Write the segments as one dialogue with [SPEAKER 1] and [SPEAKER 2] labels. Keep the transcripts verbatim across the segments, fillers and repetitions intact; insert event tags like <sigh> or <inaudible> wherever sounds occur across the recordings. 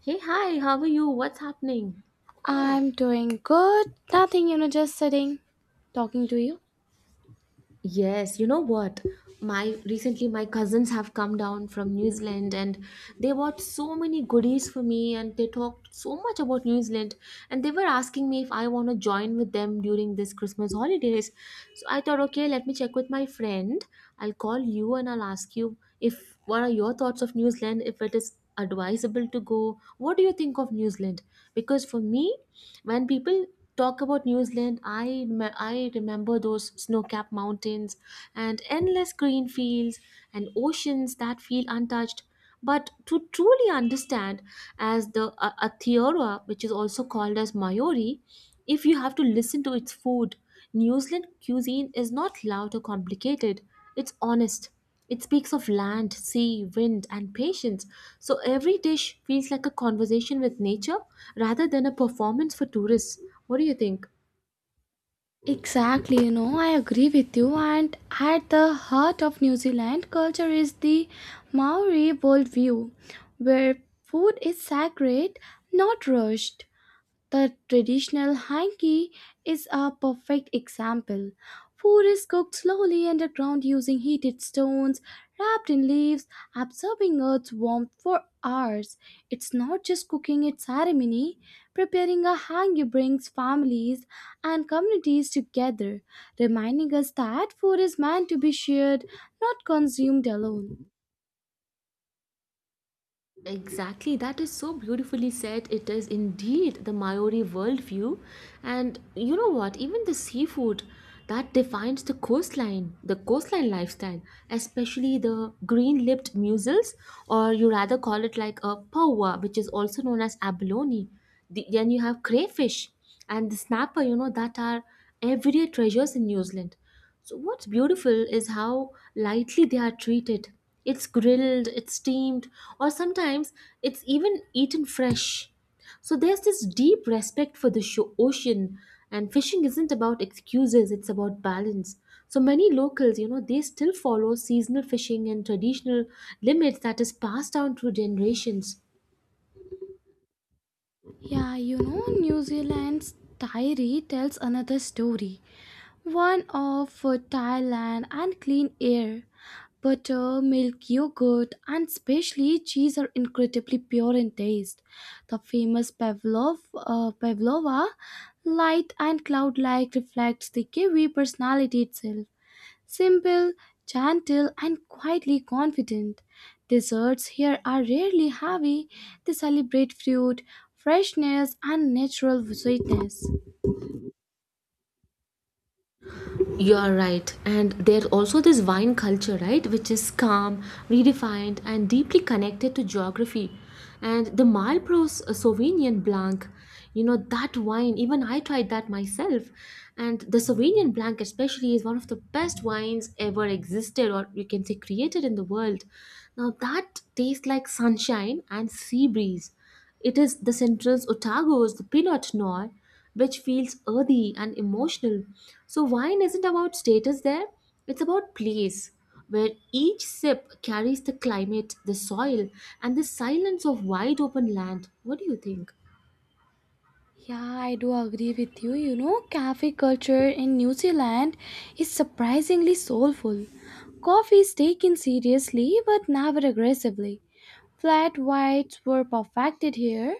[SPEAKER 1] Hey, hi, how are you? What's happening?
[SPEAKER 2] I'm doing good. Nothing, you know, just sitting, talking to you.
[SPEAKER 1] Yes, you know what? My recently my cousins have come down from New Zealand and they bought so many goodies for me and they talked so much about New Zealand, and they were asking me if I want to join with them during this Christmas holidays. So I thought, okay, let me check with my friend. I'll call you and I'll ask you if what are your thoughts of New Zealand, if it is advisable to go. What do you think of New Zealand? Because for me, when people talk about New Zealand, i me- i remember those snow-capped mountains and endless green fields and oceans that feel untouched, but to truly understand, as the uh, Aotearoa, which is also called as Maori, if you have to listen to its food. New Zealand cuisine is not loud or complicated, it's honest. It speaks of land, sea, wind, and patience. So every dish feels like a conversation with nature rather than a performance for tourists. What do you think?
[SPEAKER 2] Exactly, you know, I agree with you. And at the heart of New Zealand culture is the Maori worldview, where food is sacred, not rushed. The traditional hanky is a perfect example. Food is cooked slowly underground using heated stones wrapped in leaves, absorbing earth's warmth for hours. It's not just cooking, it's ceremony. Preparing a hangi brings families and communities together, reminding us that food is meant to be shared, not consumed alone.
[SPEAKER 1] Exactly, that is so beautifully said. It is indeed the Maori worldview. And you know what? Even the seafood that defines the coastline, the coastline lifestyle, especially the green lipped mussels, or you rather call it like a paua, which is also known as abalone. The, then you have crayfish and the snapper, you know, that are everyday treasures in New Zealand. So what's beautiful is how lightly they are treated. It's grilled, it's steamed, or sometimes it's even eaten fresh. So there's this deep respect for the sho- ocean, and fishing isn't about excuses, it's about balance. So many locals, you know, they still follow seasonal fishing and traditional limits that is passed down through generations.
[SPEAKER 2] Yeah, you know, New Zealand's diary tells another story, one of fertile land and clean air. Butter, milk, yogurt, and especially cheese are incredibly pure in taste. The famous Pavlov, uh, Pavlova light and cloud like reflects the Kiwi personality itself. Simple, gentle, and quietly confident. Desserts here are rarely heavy. They celebrate fruit, freshness, and natural sweetness.
[SPEAKER 1] You are right. And there's also this wine culture, right, which is calm, redefined, and deeply connected to geography. And the Malbros Sauvignon Blanc, you know, that wine, even I tried that myself. And the Sauvignon Blanc, especially, is one of the best wines ever existed, or you can say created in the world. Now, that tastes like sunshine and sea breeze. It is the Central's Otago's the Pinot Noir, which feels earthy and emotional. So wine isn't about status there, it's about place, where each sip carries the climate, the soil, and the silence of wide open land. What do you think?
[SPEAKER 2] Yeah, I do agree with you. You know, cafe culture in New Zealand is surprisingly soulful. Coffee is taken seriously but never aggressively. Flat whites were perfected here,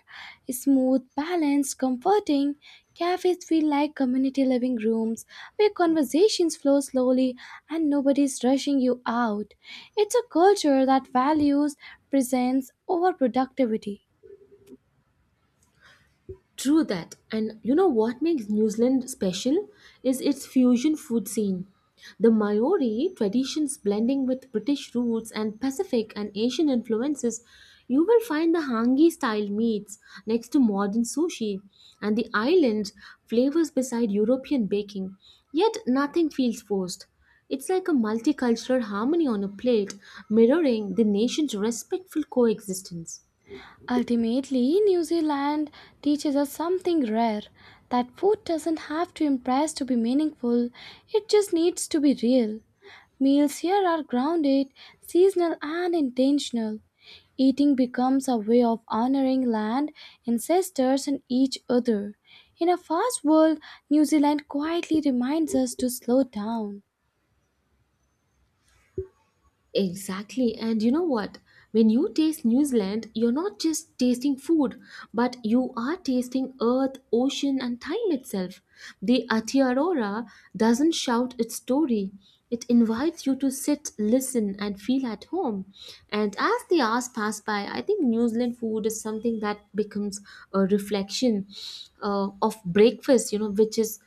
[SPEAKER 2] smooth, balanced, comforting. Cafes feel like community living rooms where conversations flow slowly and nobody's rushing you out. It's a culture that values presence over productivity.
[SPEAKER 1] True that. And you know what makes New Zealand special is its fusion food scene. The Maori traditions blending with British roots and Pacific and Asian influences, you will find the hangi style meats next to modern sushi and the island flavors beside European baking. Yet nothing feels forced. It's like a multicultural harmony on a plate, mirroring the nation's respectful coexistence.
[SPEAKER 2] Ultimately, New Zealand teaches us something rare that food doesn't have to impress to be meaningful, it just needs to be real. Meals here are grounded, seasonal, and intentional. Eating becomes a way of honoring land, ancestors, and each other. In a fast world, New Zealand quietly reminds us to slow down.
[SPEAKER 1] Exactly. And you know what? When you taste New Zealand, you're not just tasting food, but you are tasting earth, ocean, and time itself. The Aotearoa doesn't shout its story. It invites you to sit, listen, and feel at home. And as the hours pass by, I think New Zealand food is something that becomes a reflection uh, of breakfast, you know, which is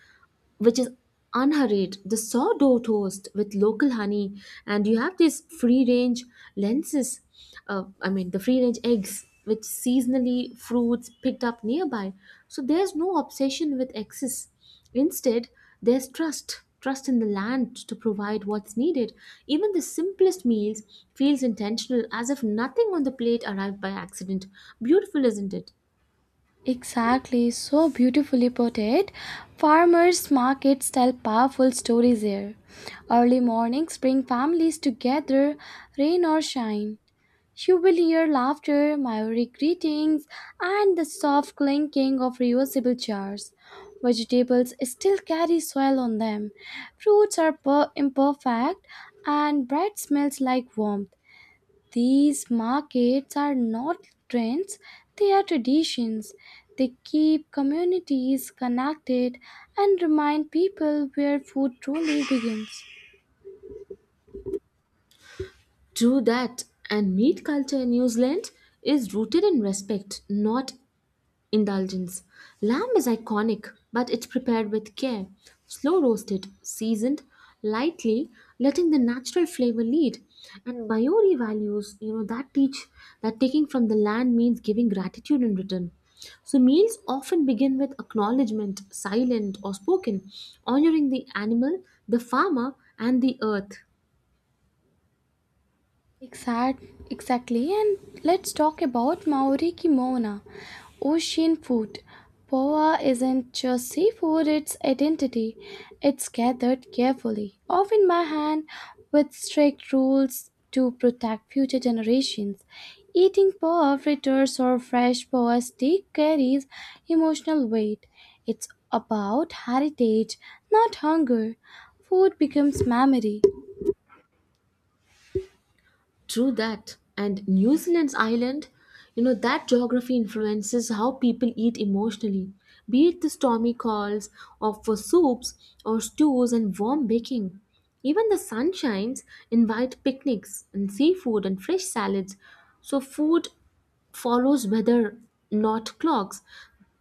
[SPEAKER 1] which is unhurried, the sourdough toast with local honey, and you have these free range lenses, uh, I mean, the free range eggs, with seasonally fruits picked up nearby. So there's no obsession with excess. Instead, there's trust trust in the land to provide what's needed. Even the simplest meals feels intentional, as if nothing on the plate arrived by accident. Beautiful, isn't it?
[SPEAKER 2] Exactly, so beautifully put it. Farmers markets tell powerful stories here. Early mornings bring families together, rain or shine. You will hear laughter, Maori greetings, and the soft clinking of reusable jars. Vegetables still carry soil on them. Fruits are per- imperfect, and bread smells like warmth. These markets are not trends, they are traditions. They keep communities connected and remind people where food truly begins.
[SPEAKER 1] True that, and meat culture in New Zealand is rooted in respect, not indulgence. Lamb is iconic, but it's prepared with care, slow roasted, seasoned lightly, letting the natural flavor lead. And Maori values, you know, that teach that taking from the land means giving gratitude in return. So meals often begin with acknowledgement, silent or spoken, honoring the animal, the farmer, and the earth.
[SPEAKER 2] Exact, exactly, and let's talk about Maori kimono. Ocean food. Poa isn't just seafood, it's identity. It's gathered carefully, often by hand, with strict rules to protect future generations. Eating poa fritters or fresh poa steak carries emotional weight. It's about heritage, not hunger. Food becomes memory.
[SPEAKER 1] True that. And New Zealand's island, you know, that geography influences how people eat emotionally, be it the stormy calls of for soups or stews and warm baking. Even the sunshines invite picnics and seafood and fresh salads. So food follows weather, not clocks.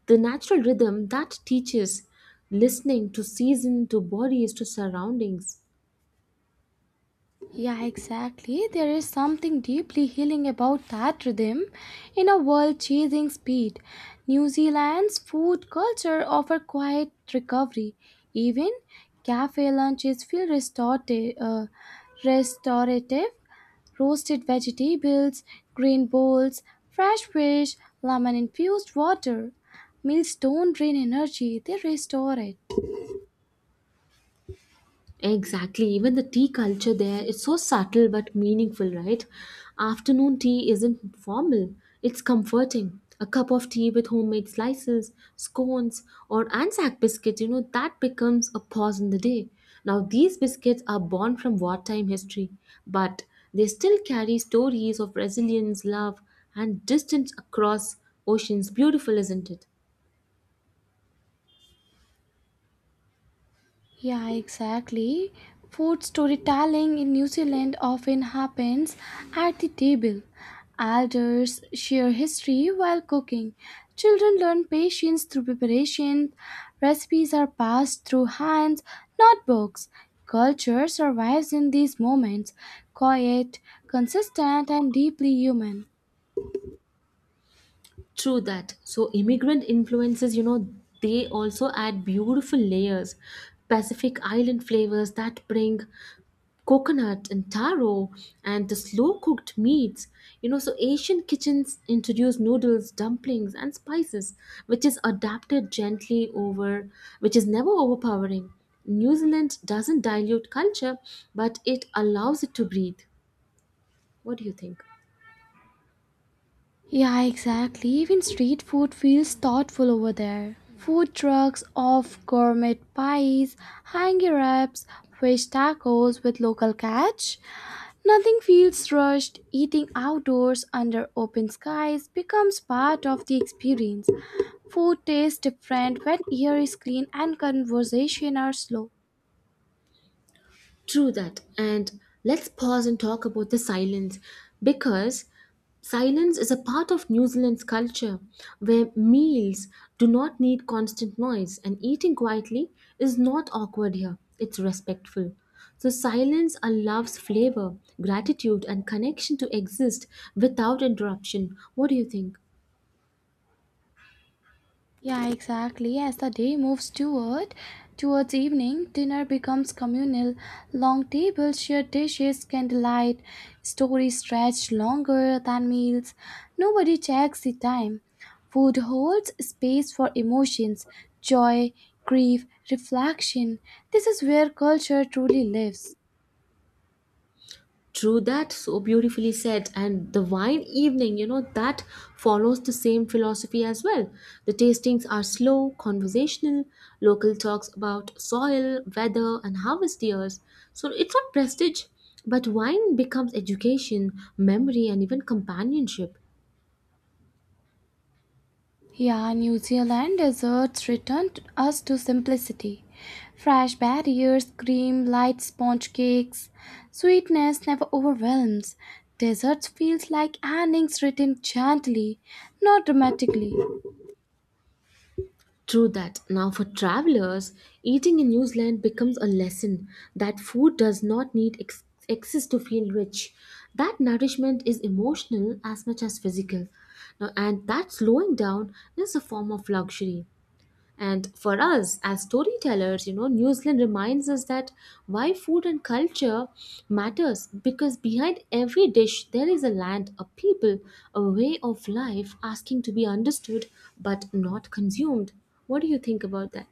[SPEAKER 1] The natural rhythm that teaches listening to season, to bodies, to surroundings.
[SPEAKER 2] Yeah, exactly. There is something deeply healing about that rhythm in a world chasing speed. New Zealand's food culture offers quiet recovery. Even cafe lunches feel restorative, uh, restorative roasted vegetables, green bowls, fresh fish, lemon infused water. Meals don't drain energy, they restore it.
[SPEAKER 1] Exactly. Even the tea culture there is so subtle but meaningful, right? Afternoon tea isn't formal, it's comforting. A cup of tea with homemade slices, scones, or Anzac biscuits, you know, that becomes a pause in the day. Now, these biscuits are born from wartime history, but they still carry stories of resilience, love, and distance across oceans. Beautiful, isn't it?
[SPEAKER 2] Yeah, exactly. Food storytelling in New Zealand often happens at the table. Elders share history while cooking. Children learn patience through preparation. Recipes are passed through hands, not books. Culture survives in these moments, quiet, consistent, and deeply human.
[SPEAKER 1] True that. So immigrant influences, you know, they also add beautiful layers. Pacific Island flavors that bring coconut and taro and the slow cooked meats. You know, so Asian kitchens introduce noodles, dumplings, and spices, which is adapted gently over, which is never overpowering. New Zealand doesn't dilute culture, but it allows it to breathe. What do you think?
[SPEAKER 2] Yeah, exactly. Even street food feels thoughtful over there. Food trucks of gourmet pies, hangi wraps, fish tacos with local catch. Nothing feels rushed. Eating outdoors under open skies becomes part of the experience. Food tastes different when air is clean and conversation are slow.
[SPEAKER 1] True that. And let's pause and talk about the silence, because silence is a part of New Zealand's culture where meals do not need constant noise, and eating quietly is not awkward here. It's respectful. So, silence allows flavor, gratitude, and connection to exist without interruption. What do you think?
[SPEAKER 2] Yeah, exactly. As the day moves toward towards evening, dinner becomes communal. Long tables, shared dishes, candlelight, stories stretch longer than meals. Nobody checks the time. Food holds space for emotions, joy, grief, reflection. This is where culture truly lives.
[SPEAKER 1] True that, so beautifully said. And the wine evening, you know, that follows the same philosophy as well. The tastings are slow, conversational, local talks about soil, weather, and harvest years. So it's not prestige, but wine becomes education, memory, and even companionship.
[SPEAKER 2] Yeah, New Zealand deserts returned us to simplicity. Fresh barriers, cream, light sponge cakes, sweetness never overwhelms. Desserts feels like endings written gently, not dramatically.
[SPEAKER 1] True that. Now, for travelers, eating in New Zealand becomes a lesson that food does not need ex- excess to feel rich. That nourishment is emotional as much as physical. Now, and that slowing down is a form of luxury. And for us as storytellers, you know, New Zealand reminds us that why food and culture matters, because behind every dish there is a land, a people, a way of life asking to be understood but not consumed. What do you think about that?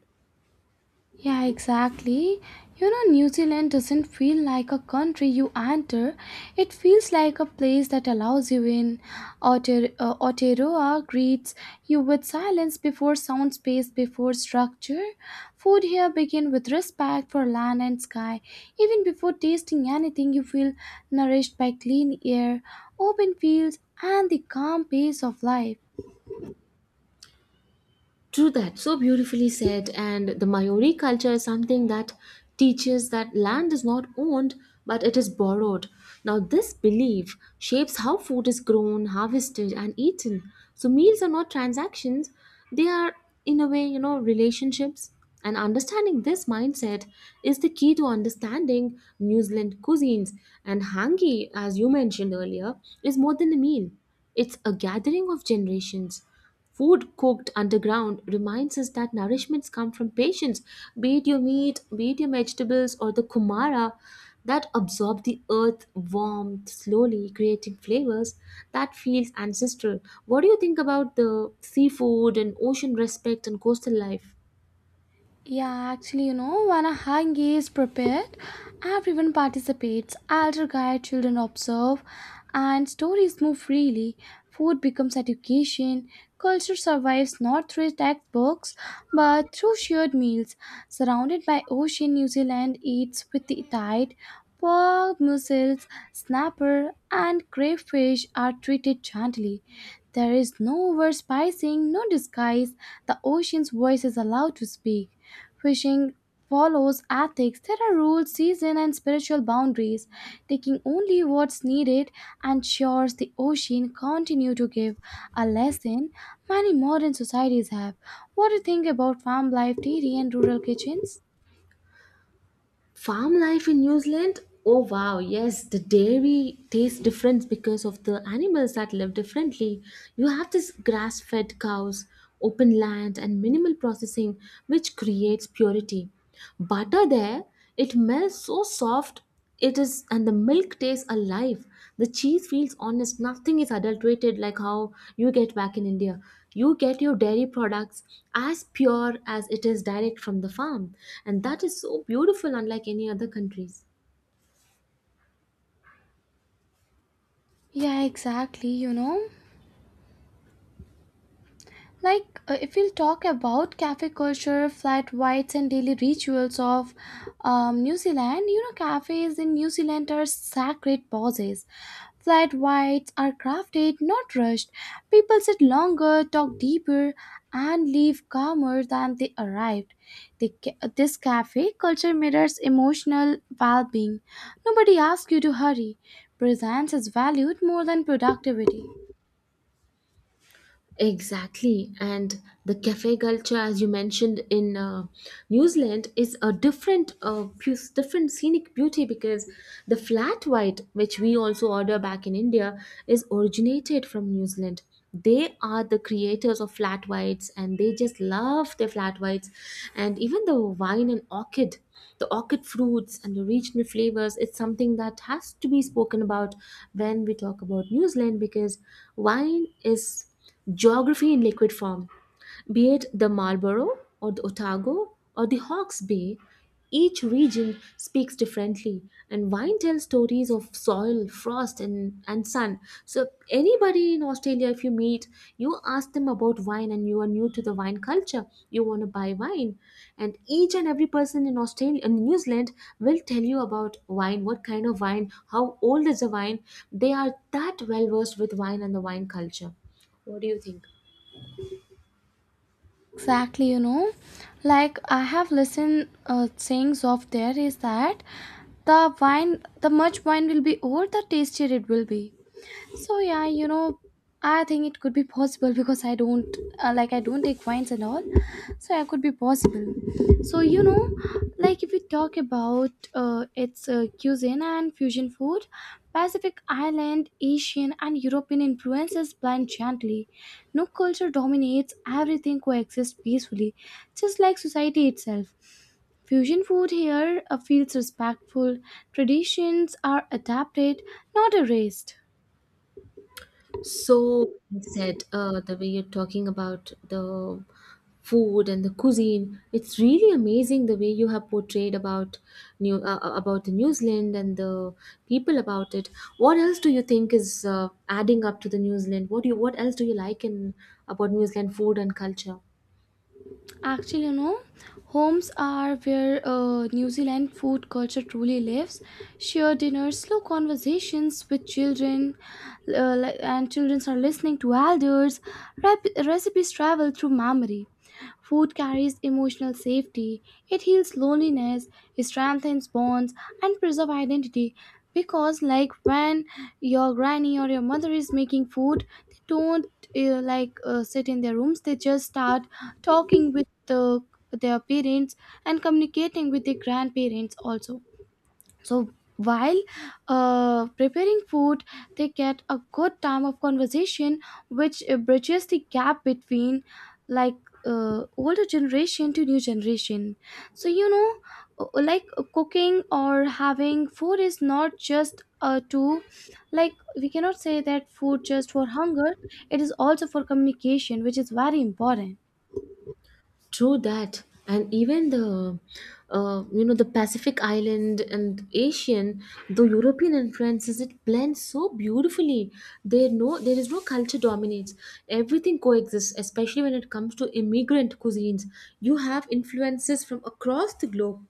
[SPEAKER 2] Yeah, exactly. You know, New Zealand doesn't feel like a country you enter. It feels like a place that allows you in. Aotear- uh, Aotearoa greets you with silence before sound space before structure. Food here begin with respect for land and sky. Even before tasting anything, you feel nourished by clean air, open fields, and the calm pace of life.
[SPEAKER 1] True that, so beautifully said. And the Maori culture is something that teaches that land is not owned but it is borrowed. Now, this belief shapes how food is grown, harvested, and eaten. So, meals are not transactions, they are, in a way, you know, relationships. And understanding this mindset is the key to understanding New Zealand cuisines. And hangi, as you mentioned earlier, is more than a meal, it's a gathering of generations. Food cooked underground reminds us that nourishments come from patience, be it your meat, be it your vegetables, or the kumara that absorb the earth warmth slowly, creating flavors that feels ancestral. What do you think about the seafood and ocean respect and coastal life?
[SPEAKER 2] Yeah, actually, you know, when a hang is prepared, everyone participates. Elder guide, children observe, and stories move freely. Food becomes education. Culture survives not through textbooks, but through shared meals. Surrounded by ocean, New Zealand eats with the tide. Pork, mussels, snapper, and crayfish are treated gently. There is no overspicing, no disguise. The ocean's voice is allowed to speak. Fishing follows ethics. There are rules, season, and spiritual boundaries, taking only what's needed ensures the ocean continue to give a lesson many modern societies have. What do you think about farm life, dairy, and rural kitchens?
[SPEAKER 1] Farm life in New Zealand? Oh wow, yes, the dairy tastes different because of the animals that live differently. You have this grass fed cows, open land, and minimal processing, which creates purity. Butter there, it melts so soft it is, and the milk tastes alive. The cheese feels honest. Nothing is adulterated like how you get back in India. You get your dairy products as pure as it is, direct from the farm. And that is so beautiful, unlike any other countries.
[SPEAKER 2] Yeah, exactly. You know, Like, uh, if we'll talk about cafe culture, flat whites, and daily rituals of um, New Zealand, you know, cafes in New Zealand are sacred pauses. Flat whites are crafted, not rushed. People sit longer, talk deeper, and leave calmer than they arrived. The, ca- this cafe culture mirrors emotional well being. Nobody asks you to hurry. Presence is valued more than productivity.
[SPEAKER 1] Exactly, and the cafe culture, as you mentioned in uh, New Zealand, is a different, uh, pu- different scenic beauty, because the flat white, which we also order back in India, is originated from New Zealand. They are the creators of flat whites, and they just love their flat whites, and even the wine and orchid, the orchid fruits and the regional flavors. It's something that has to be spoken about when we talk about New Zealand, because wine is. Geography in liquid form. Be it the Marlborough or the Otago or the Hawke's Bay, each region speaks differently, and wine tells stories of soil, frost, and, and sun. So, anybody in Australia, if you meet, you ask them about wine and you are new to the wine culture, you want to buy wine. And each and every person in Australia and New Zealand will tell you about wine, what kind of wine, how old is the wine. They are that well versed with wine and the wine culture. What do you think?
[SPEAKER 2] Exactly, you know, like I have listened uh, sayings of there is that the wine the much wine will be old the tastier it will be. So yeah, you know, I think it could be possible <laughs> because I don't uh, like I don't take wines and all, so it could be possible. So you know, like if we talk about uh, its uh, cuisine and fusion food, Pacific Island Asian and European influences blend gently. No culture dominates, everything coexists peacefully, just like society itself. Fusion food here uh, feels respectful. Traditions are adapted, not erased.
[SPEAKER 1] So well said, uh, the way you're talking about the food and the cuisine. It's really amazing the way you have portrayed about new uh, uh, about the New Zealand and the people about it. What else do you think is uh, adding up to the New Zealand? What do you what else do you like in about New Zealand food and culture?
[SPEAKER 2] Actually, you know, homes are where uh, New Zealand food culture truly lives. Share dinners, slow conversations with children, uh, li- and children are listening to elders. Rep- recipes travel through memory. Food carries emotional safety, it heals loneliness, it strengthens bonds, and preserves identity. Because, like, when your granny or your mother is making food, they don't uh, like uh, sit in their rooms, they just start talking with the, their parents and communicating with their grandparents also. So while uh, preparing food, they get a good time of conversation, which uh, bridges the gap between like uh, older generation to new generation. So you know, uh, like uh, cooking or having food is not just uh, to like we cannot say that food just for hunger. It is also for communication, which is very important.
[SPEAKER 1] True that, and even the, uh, you know, the Pacific Island and Asian, the European influences, it blends so beautifully. There no, there is no culture dominates. Everything coexists, especially when it comes to immigrant cuisines. You have influences from across the globe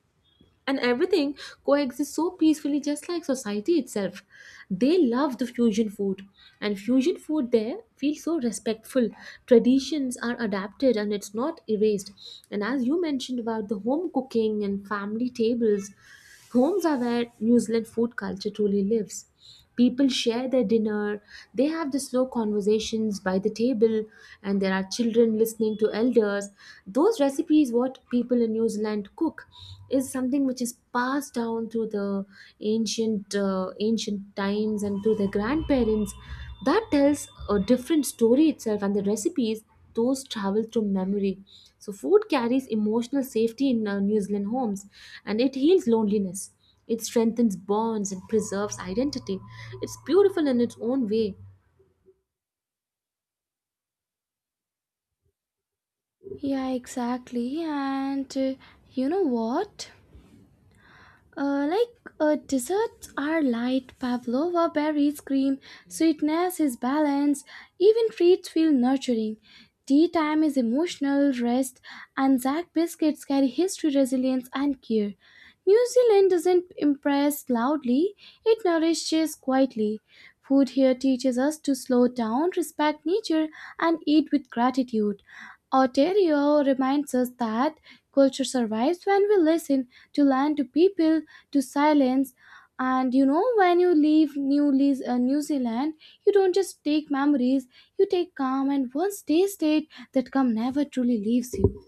[SPEAKER 1] and everything coexists so peacefully, just like society itself. They love the fusion food, and fusion food there feels so respectful. Traditions are adapted and it's not erased. And as you mentioned about the home cooking and family tables, homes are where New Zealand food culture truly lives. People share their dinner, they have the slow conversations by the table, and there are children listening to elders. Those recipes, what people in New Zealand cook, is something which is passed down through the ancient uh, ancient times and through their grandparents. That tells a different story itself, and the recipes, those travel through memory. So food carries emotional safety in uh, New Zealand homes, and it heals loneliness. It strengthens bonds and preserves identity. It's beautiful in its own way.
[SPEAKER 2] Yeah, exactly. And uh, you know what? Uh, like uh, desserts are light, pavlova berries, cream, sweetness is balance. Even treats feel nurturing. Tea time is emotional rest, and Zack biscuits carry history, resilience, and care. New Zealand doesn't impress loudly, it nourishes quietly. Food here teaches us to slow down, respect nature, and eat with gratitude. Ontario reminds us that culture survives when we listen to land, to people, to silence. And you know, when you leave New, Leas- uh, New Zealand, you don't just take memories, you take calm and one stay state that calm never truly leaves you.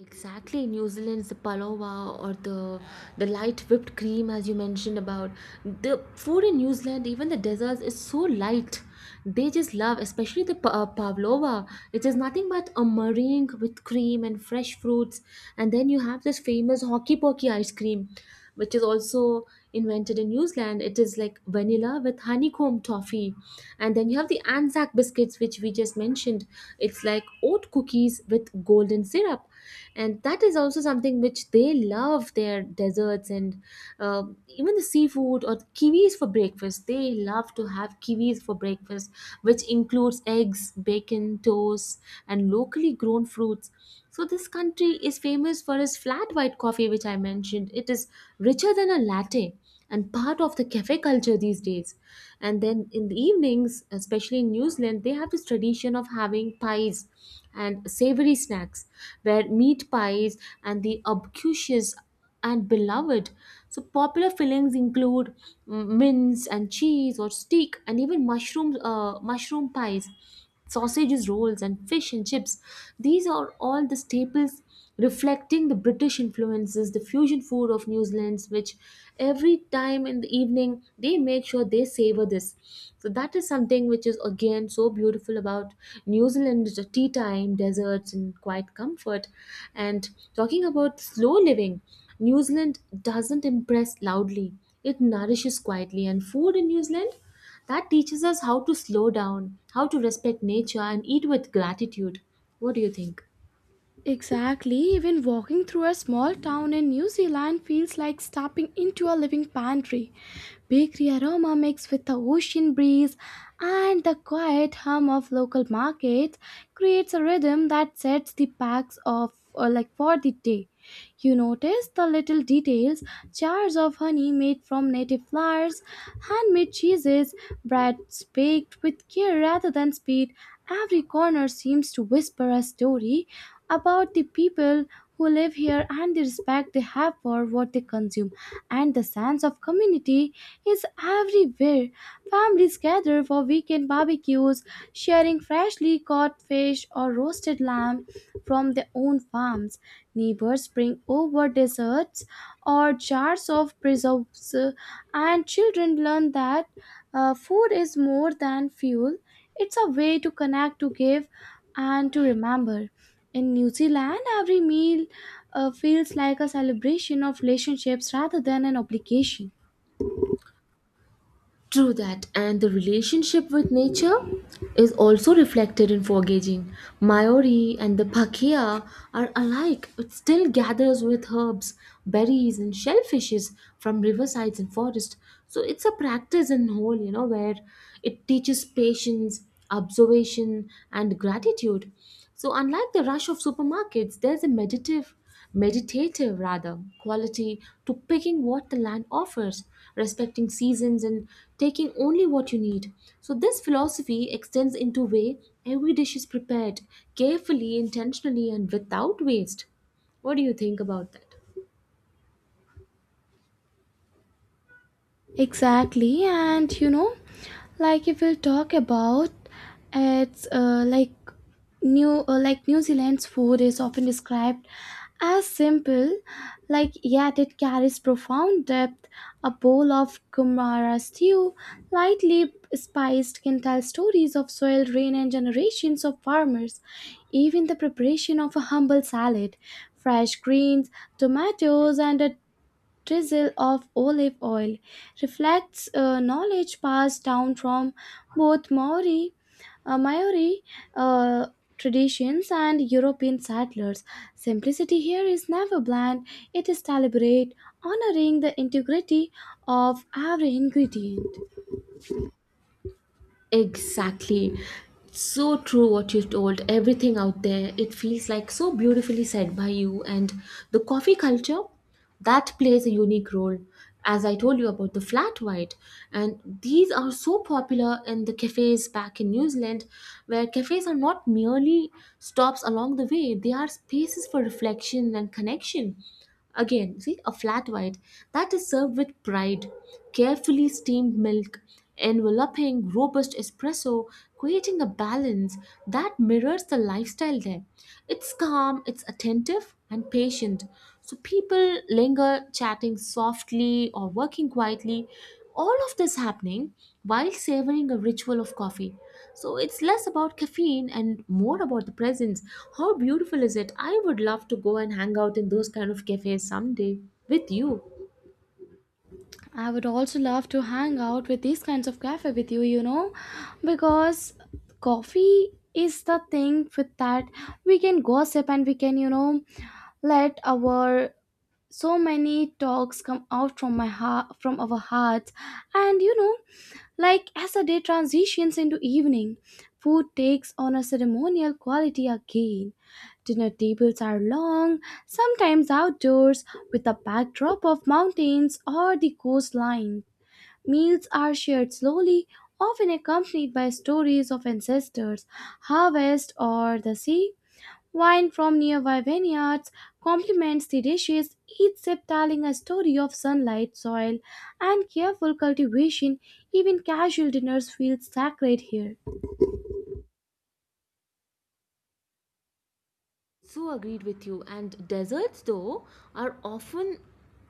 [SPEAKER 1] Exactly. New Zealand's the palawa, or the the light whipped cream. As you mentioned about the food in New Zealand, even the desserts is so light. They just love, especially the pa- uh, pavlova. It is nothing but a meringue with cream and fresh fruits, and then you have this famous hockey pokey ice cream, which is also invented in New Zealand. It is like vanilla with honeycomb toffee. And then you have the Anzac biscuits, which we just mentioned. It's like oat cookies with golden syrup. And that is also something which they love, their desserts. And uh, even the seafood, or kiwis for breakfast. They love to have kiwis for breakfast, which includes eggs, bacon, toast, and locally grown fruits. So this country is famous for its flat white coffee, which I mentioned. It is richer than a latte and part of the cafe culture these days. And then in the evenings, especially in New Zealand, they have this tradition of having pies and savory snacks, where meat pies and the obcucious and beloved. So popular fillings include mm, mince and cheese or steak, and even mushroom uh, mushroom pies, sausages, rolls, and fish and chips. These are all the staples reflecting the British influences, the fusion food of New Zealand's, which every time in the evening they make sure they savor this. So that is something which is again so beautiful about New Zealand, the tea time, deserts, and quiet comfort. And talking about slow living, New Zealand doesn't impress loudly. It nourishes quietly, and food in New Zealand, that teaches us how to slow down, how to respect nature, and eat with gratitude. What do you think?
[SPEAKER 2] Exactly, even walking through a small town in New Zealand feels like stepping into a living pantry. Bakery aroma mixed with the ocean breeze and the quiet hum of local markets creates a rhythm that sets the packs off or like for the day. You notice the little details, jars of honey made from native flowers, handmade cheeses, breads baked with care rather than speed. Every corner seems to whisper a story about the people who live here and the respect they have for what they consume. And the sense of community is everywhere. Families gather for weekend barbecues, sharing freshly caught fish or roasted lamb from their own farms. Neighbors bring over desserts or jars of preserves, uh, and children learn that uh, food is more than fuel. It's a way to connect, to give, and to remember. In New Zealand, every meal uh, feels like a celebration of relationships rather than an obligation.
[SPEAKER 1] True that, and the relationship with nature is also reflected in foraging. Maori and the pakea are alike. It still gathers with herbs, berries, and shellfishes from riversides and forests. So it's a practice in whole, you know, where it teaches patience, observation, and gratitude. So unlike the rush of supermarkets, there's a meditative meditative rather quality to picking what the land offers, respecting seasons and taking only what you need. So this philosophy extends into way every dish is prepared, carefully, intentionally, and without waste. What do you think about that?
[SPEAKER 2] Exactly, and you know, like if we'll talk about it's uh, like new uh, like New Zealand's food is often described as simple, like yet it carries profound depth. A bowl of kumara stew, lightly spiced, can tell stories of soil, rain, and generations of farmers. Even the preparation of a humble salad, fresh greens, tomatoes, and a drizzle of olive oil reflects uh, knowledge passed down from both Maori, uh, Maori uh, traditions and European settlers. Simplicity here is never bland, it is deliberate, honoring the integrity of every ingredient.
[SPEAKER 1] Exactly. So true what you told. Everything out there, it feels like so beautifully said by you. And the coffee culture, that plays a unique role. As I told you about the flat white, and these are so popular in the cafes back in New Zealand, where cafes are not merely stops along the way, they are spaces for reflection and connection. Again, see a flat white that is served with pride, carefully steamed milk, enveloping robust espresso, creating a balance that mirrors the lifestyle there. It's calm, it's attentive, and patient. So people linger, chatting softly or working quietly, all of this happening while savoring a ritual of coffee. So it's less about caffeine and more about the presence. How beautiful is it? I would love to go and hang out in those kind of cafes someday with you.
[SPEAKER 2] I would also love to hang out with these kinds of cafe with you, you know, because coffee is the thing with that we can gossip and we can, you know, let our so many talks come out from my heart from our hearts. And you know, like as the day transitions into evening, food takes on a ceremonial quality again. Dinner tables are long, sometimes outdoors, with a backdrop of mountains or the coastline. Meals are shared slowly, often accompanied by stories of ancestors, harvest, or the sea. Wine from nearby vineyards complements the dishes, each sip telling a story of sunlight, soil, and careful cultivation. Even casual dinners feel sacred here.
[SPEAKER 1] So agreed with you. And deserts, though, are often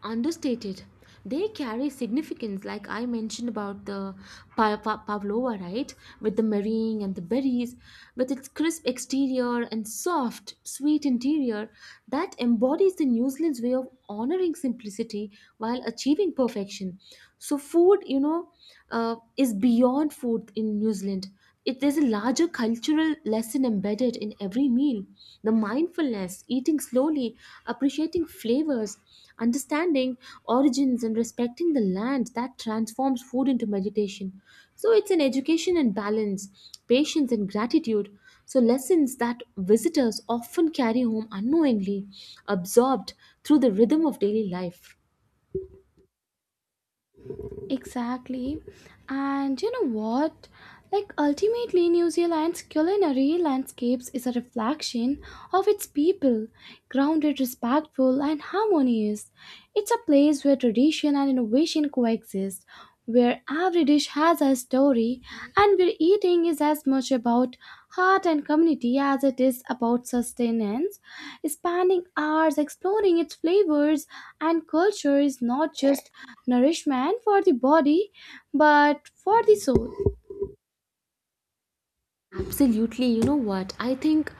[SPEAKER 1] understated. They carry significance, like I mentioned about the pa- pa- pavlova, right? With the marrying and the berries, with its crisp exterior and soft, sweet interior, that embodies the New Zealand's way of honoring simplicity while achieving perfection. So food, you know, uh, is beyond food in New Zealand. It, there's a larger cultural lesson embedded in every meal. The mindfulness, eating slowly, appreciating flavors, understanding origins, and respecting the land that transforms food into meditation. So it's an education and balance, patience and gratitude. So lessons that visitors often carry home unknowingly, absorbed through the rhythm of daily life.
[SPEAKER 2] Exactly. And you know what? Like ultimately New Zealand's culinary landscapes is a reflection of its people, grounded, respectful and harmonious. It's a place where tradition and innovation coexist, where every dish has a story and where eating is as much about heart and community as it is about sustenance. Spending hours exploring its flavors and culture is not just nourishment for the body but for the soul.
[SPEAKER 1] Absolutely. You know what? I think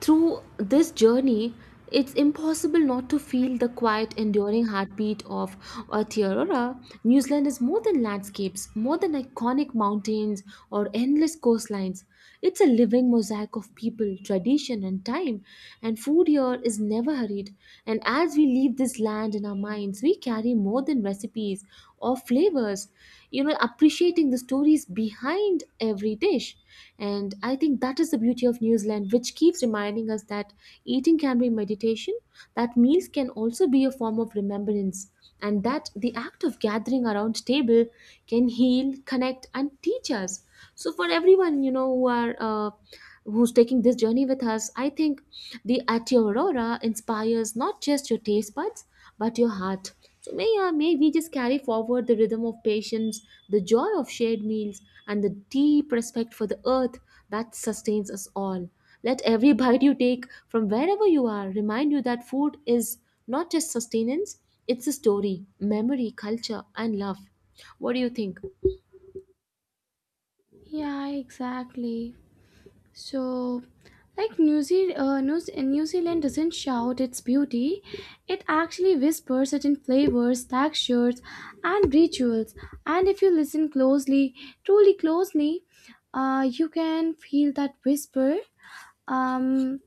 [SPEAKER 1] through this journey, it's impossible not to feel the quiet, enduring heartbeat of Aotearoa. New Zealand is more than landscapes, more than iconic mountains or endless coastlines. It's a living mosaic of people, tradition, and time. And food here is never hurried. And as we leave this land in our minds, we carry more than recipes or flavors, you know appreciating the stories behind every dish. And I think that is the beauty of New Zealand, which keeps reminding us that eating can be meditation, that meals can also be a form of remembrance, and that the act of gathering around table can heal, connect, and teach us. So for everyone, you know, who are uh, who's taking this journey with us, I think the atia aurora inspires not just your taste buds but your heart. So may, uh, may we just carry forward the rhythm of patience, the joy of shared meals, and the deep respect for the earth that sustains us all. Let every <laughs> bite you take from wherever you are remind you that food is not just sustenance, it's a story, memory, culture, and love. What do you think?
[SPEAKER 2] Yeah, exactly. So like new, Zeal uh, new, new zealand doesn't shout its beauty, it actually whispers certain flavors textures and rituals. And if you listen closely, truly closely, uh, you can feel that whisper. um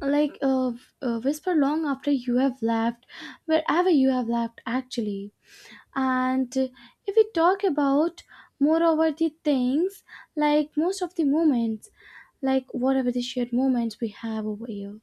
[SPEAKER 2] like a, a whisper long after you have left, wherever you have left actually. And if we talk about moreover the things, like most of the moments, like whatever the shared moments we have over here,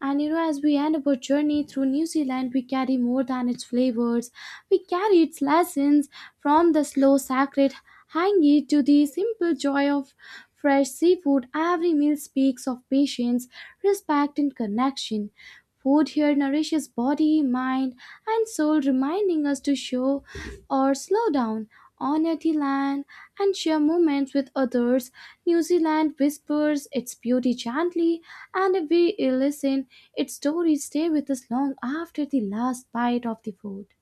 [SPEAKER 2] and you know, as we end our journey through New Zealand, we carry more than its flavors. We carry its lessons from the slow sacred hangi to the simple joy of fresh seafood. Every meal speaks of patience, respect, and connection. Food here nourishes body, mind, and soul, reminding us to show or slow down honor the land, and share moments with others. New Zealand whispers its beauty gently, and if we listen, its stories stay with us long after the last bite of the food.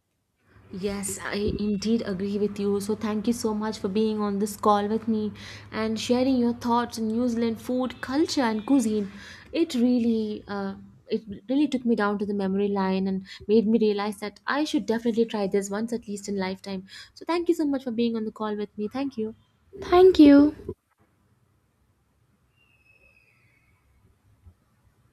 [SPEAKER 1] Yes, I indeed agree with you. So thank you so much for being on this call with me and sharing your thoughts on New Zealand food, culture, and cuisine. It really, uh, it really took me down to the memory line and made me realize that I should definitely try this once at least in lifetime. So thank you so much for being on the call with me. Thank you.
[SPEAKER 2] Thank you.